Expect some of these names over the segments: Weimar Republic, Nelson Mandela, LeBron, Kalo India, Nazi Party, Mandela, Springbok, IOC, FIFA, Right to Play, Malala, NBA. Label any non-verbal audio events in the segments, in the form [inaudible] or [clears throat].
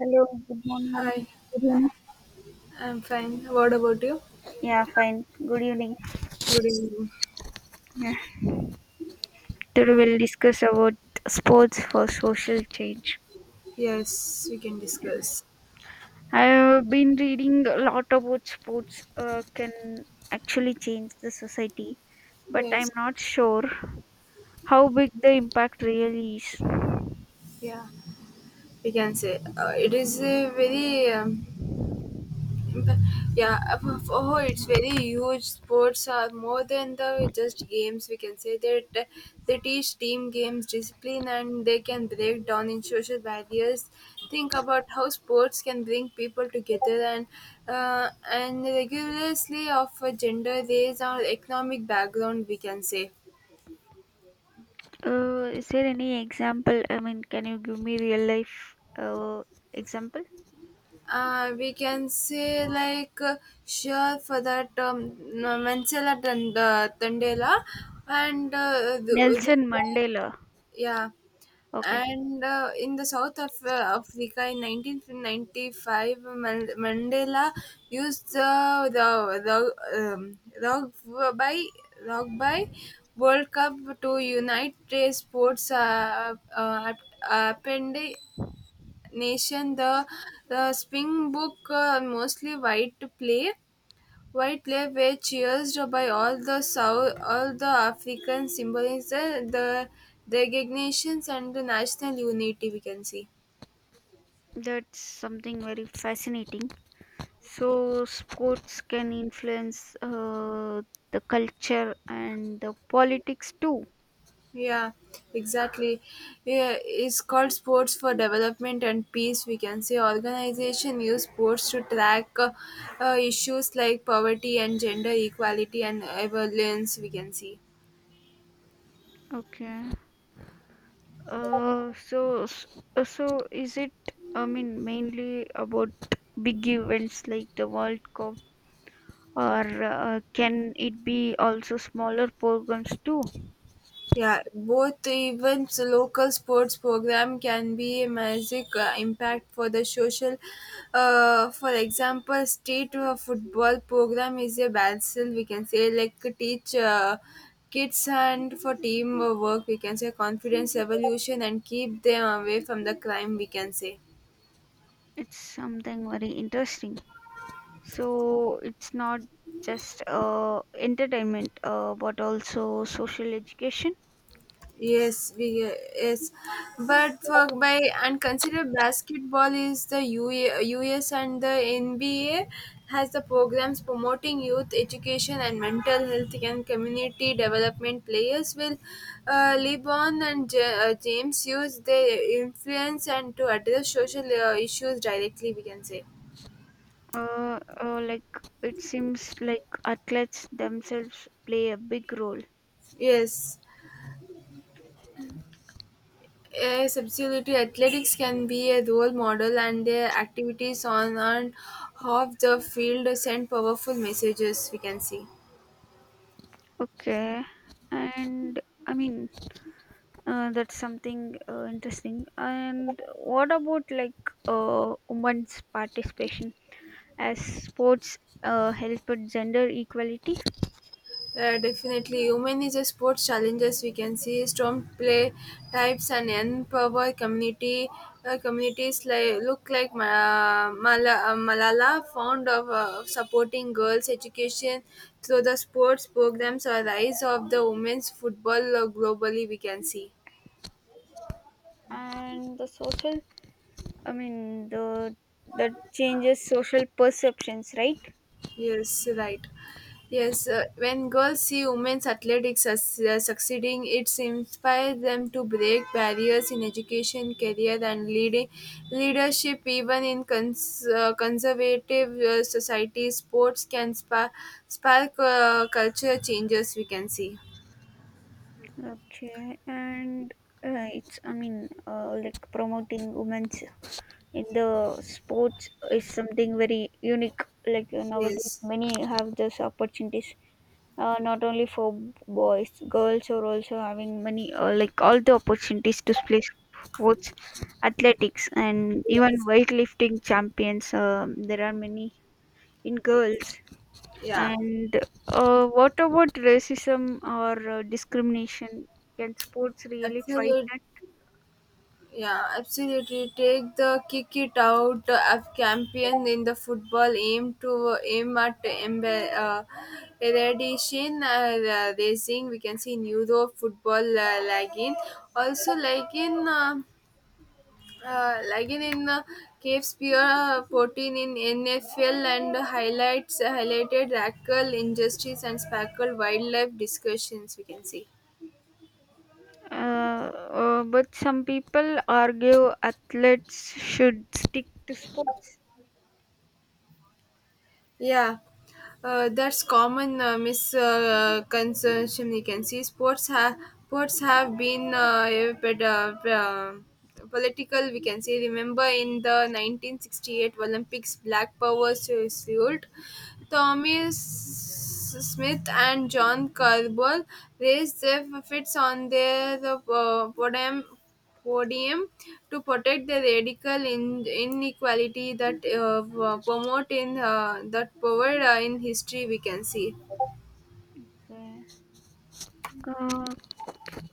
Hello, good morning. Hi, Good evening. I'm fine. What about you? Yeah, fine. Good evening. Good evening. Yeah. Today So, we'll discuss about sports for social change. yes, we can discuss. I've been reading a lot about sports can actually change the society, but I'm Yes, not sure how big the impact really is. yeah, we can say it is a very yeah, oh, it's very huge. Sports are more than the just games. We can say that they teach team games, discipline, and they can break down in social barriers. Think about how sports can bring people together and regularly of a gender, race, or economic background. We can say. Is there any example? I mean, can you give me real life example? We can say like sure for that Mansela Tandela and the Nelson Mandela. yeah, Okay, and in the South of Africa in 1995, Mandela used the rugby World Cup to unite the sports append nation. The Springbok mostly white play White Lake were cheered by all the South, all the African symbolism, the designations, and the national unity. We can see. that's something very fascinating. So, sports can influence the culture and the politics too. Yeah, exactly. Yeah, it's called sports for development and peace. We can say organization use sports to track issues like poverty and gender equality and violence. We can see. Okay. Uh, so, s- so is it? I mean, mainly about big events like the World Cup, or can it be also smaller programs too? Yeah, both events, local sports program can be a massive impact for the social. For example, state football program is a battle we can say like teach kids and for team work we can say confidence evolution and keep them away from the crime we can say. It's something very interesting. So it's not just entertainment, but also social education. Yes, we yes, but for by and consider basketball is the UA, and the NBA has the programs promoting youth education and mental health and community development. Players will LeBron and James use their influence and to address social issues directly. We can say Like it seems like athletes themselves play a big role. yes. Yes, absolutely. Athletics can be a role model, and their activities on and off the field send powerful messages. We can see. Okay, and I mean that's something interesting. And what about like women's participation as sports help with gender equality Definitely, women is a sports challenges. We can see strong play types and empower community communities like look like Malala found of supporting girls' education through the sports programs or rise of the women's football globally. We can see. and the social? I mean the that changes social perceptions, right? Yes, right. Yes, when girls see women's athletics as, succeeding, it inspires them to break barriers in education, career, and leading leadership. Even in conservative societies, sports can spark culture changes. We can see. Okay, and it's I mean like promoting women's in the sports is something very unique like nowadays Yes. many have this opportunities not only for boys girls are also having many like all the opportunities to play sports athletics and even weightlifting champions there are many in Yes. girls. Yeah. And what about racism or discrimination, can sports really fight? Absolutely. Yeah, absolutely. Take the kick it out of champion in the football. Aim at eradication racing. We can see in Euro football lagin. Also, like in Cave Spear 14 in NFL and highlights highlighted rackle injustice and spackle wildlife discussions. We can see. Uh, but some people argue athletes should stick to sports. Yeah, that's common misconception. You can see sports have been political. We can say remember in the 1968 Olympics, Black Power suit. Tommy Smith and John Carbull raised their fits on their podium podium to protect the radical inequality that promote in that power in history we can see Yeah. Uh,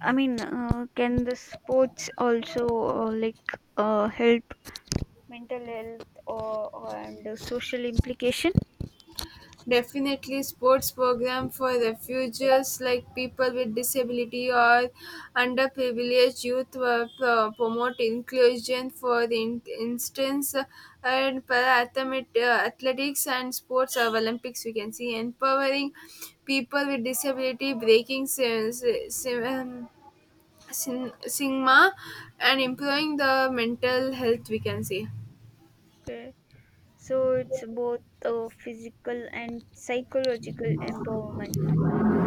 I mean, can the sports also like help mental health, or and social implication? definitely sports program for refugees like people with disability or underprivileged youth were promote inclusion for the instance and para athletics and sports of olympics we can see empowering people with disability breaking sim- sigma and improving the mental health we can say Okay. So it's both physical and psychological empowerment.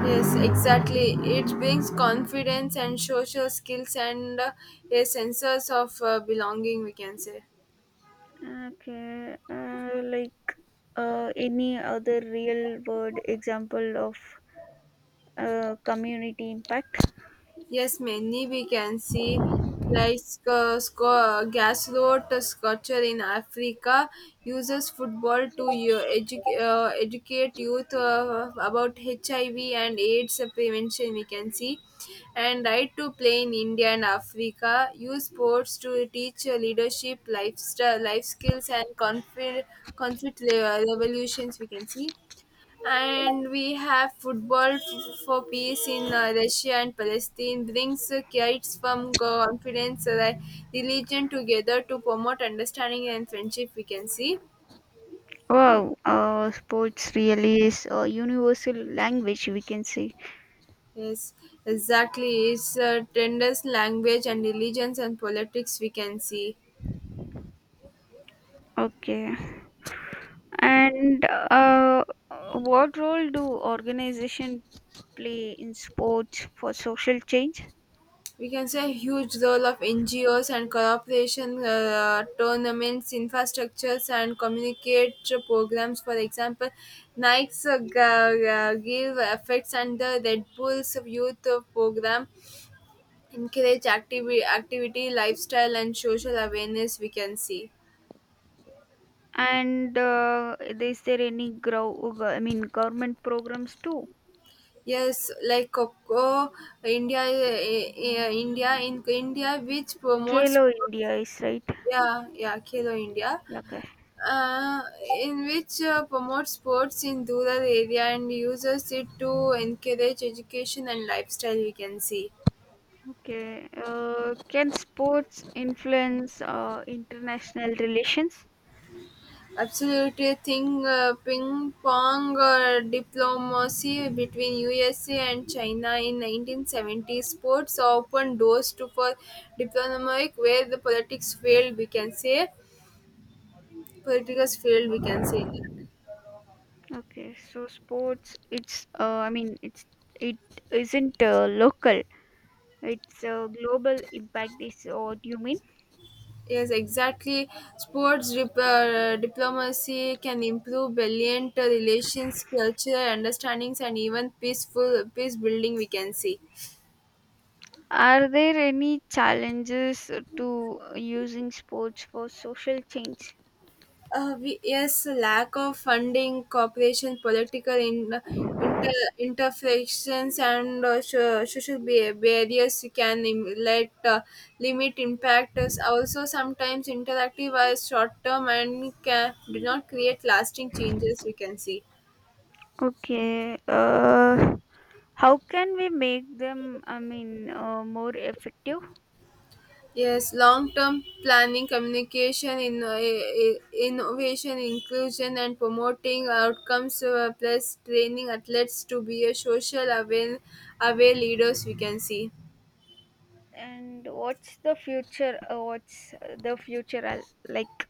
yes exactly it brings confidence and social skills and a sense of belonging we can say. Okay, like any other real world example of community impact? Yes, many we can see like gas road sculpture in Africa uses football to educate youth about HIV and AIDS prevention. We can see, and right to play in India and Africa use sports to teach leadership, lifestyle, life skills, and conflict revolutions. We can see and we have football for peace in Russia and Palestine brings kids from confidence, like, religion together to promote understanding and friendship. We can see. Wow, sports really is a universal language, we can say. Yes, exactly. It's tenders, language, and religions and politics. We can see. Okay. And what role do organizations play in sports for social change? We can say a huge role of NGOs and cooperation tournaments, infrastructures, and communicate programs. For example, Nike's Give Effects and the Red Bull's Youth Program encourage activity, lifestyle, and social awareness. We can see. And is there any grow? I mean, government programs too? Yes, like Coco, India, which promotes, Kalo India is right. yeah, yeah, Kilo India Okay. uh, in which promotes sports in rural area and uses it to encourage education and lifestyle we can see Okay. Can sports influence international relations? absolutely thing ping pong diplomacy between USA and China in 1970 sports opened doors to for diplomatic where the politics failed we can say politics failed we can say Okay, so sports, it's, I mean, it isn't local. It's a global impact. Is what you mean? Yes, exactly. Sports diplomacy can improve brilliant relations, culture, understandings, and even peace building. We can see. Are there any challenges to using sports for social change? Yes, lack of funding, cooperation, inter, interfections, and social barriers can im- let limit impact. Is Also, sometimes interactive are short term and can, do not create lasting changes. We can see. Okay, how can we make them? I mean, more effective. Yes, long term planning, communication, innovation, inclusion, and promoting outcomes, plus training athletes to be a aware leaders, we can see. And what's the future? What's the future like?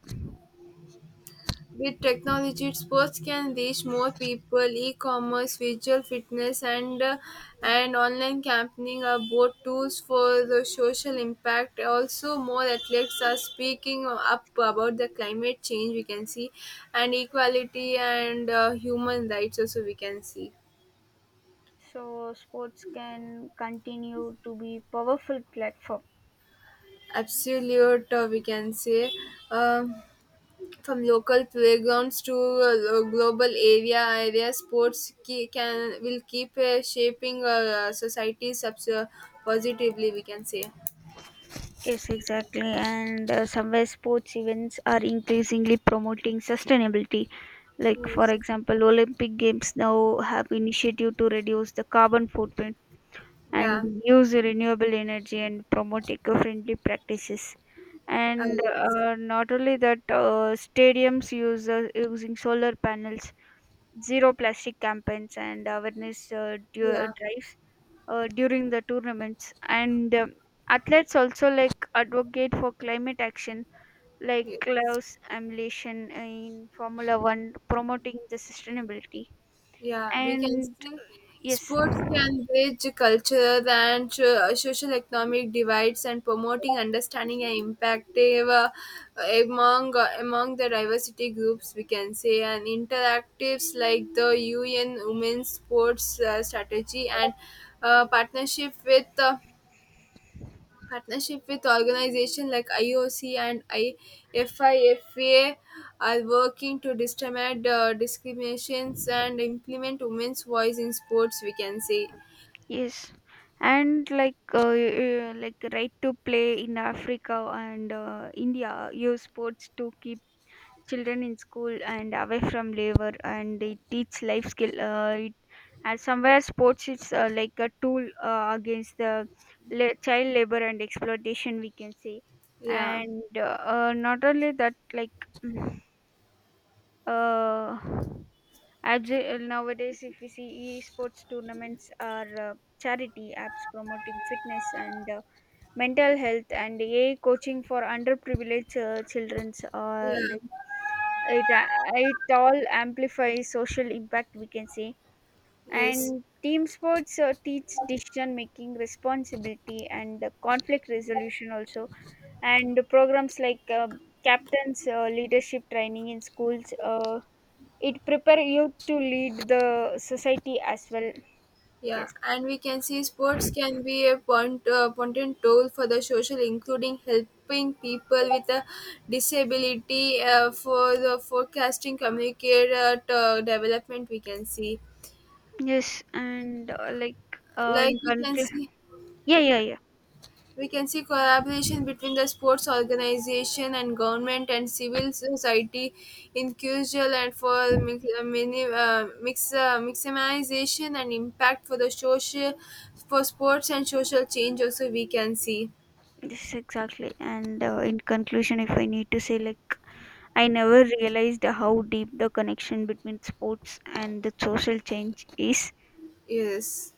With technology, sports can reach more people. E-commerce, visual fitness, and online campaigning are both tools for the social impact. Also, more athletes are speaking up about the climate change. We can see, and equality and human rights. Also, we can see So sports can continue to be powerful platform. absolute. We can say. Um, From local playgrounds to global area sports ke- can will keep shaping society positively. We can say. Yes, exactly. And somewhere sports events are increasingly promoting sustainability. Like, for Yes. example, Olympic Games now have initiative to reduce the carbon footprint Yeah. and use renewable energy and promote eco-friendly practices. And Yes. Not only that, stadiums use using solar panels, zero plastic campaigns and awareness Yeah. drives during the tournaments, and athletes also like advocate for climate action like Yeah. gloves emulation in formula 1 promoting the sustainability Yeah, we can and say yes, sports can bridge culture and social economic divides and promoting understanding and impactive among the diversity groups we can say and interactives like the UN Women's Sports Strategy and uh, partnership with uh, Partnership with organizations like IOC and IFIFA are working to determine discriminations and implement women's voice in sports, we can say. yes. And like the right to play in africa and india use sports to keep children in school and away from labor, and it teach life skill and somewhere sports is like a tool against the child labor and exploitation, we can say. Yeah, And not only that, like [clears throat] uh, as nowadays if we see e-sports tournaments are charity apps promoting fitness and mental health and a I coaching for underprivileged children, yeah, it uh, it all amplifies social impact, we can say. yes, And team sports teach decision making, responsibility and conflict resolution also. And the programs like captains leadership training in schools it prepare you to lead the society as well. yeah. Yes, And we can see sports can be a potent tool for the social, including helping people with a disability for the forecasting, communicate, development, we can see yes. And like like in we can conclusion, see yeah, yeah, yeah, We can see collaboration between the sports organization and government and civil society in crucial and for maximization and impact for the social for sports and social change also we can see yes, exactly. And in conclusion, if I need to say like I never realized how deep the connection between sports and the social change is. yes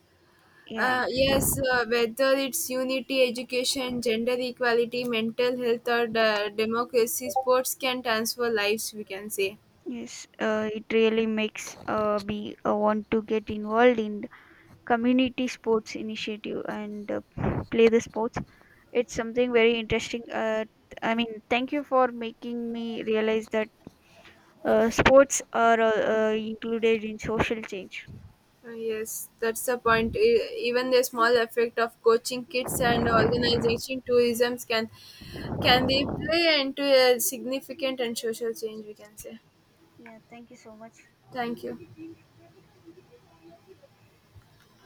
Yeah, yes, whether it's unity, education, gender equality, mental health, or the democracy, sports can transform lives, we can say. yes, it really makes me want to get involved in community sports initiative and play the sports. It's something very interesting. I mean, thank you for making me realize that sports are included in social change. Yes, that's the point. Even the small effect of coaching kids and organization tourism can they play into a significant and social change. We can say. Yeah, thank you so much. Thank you.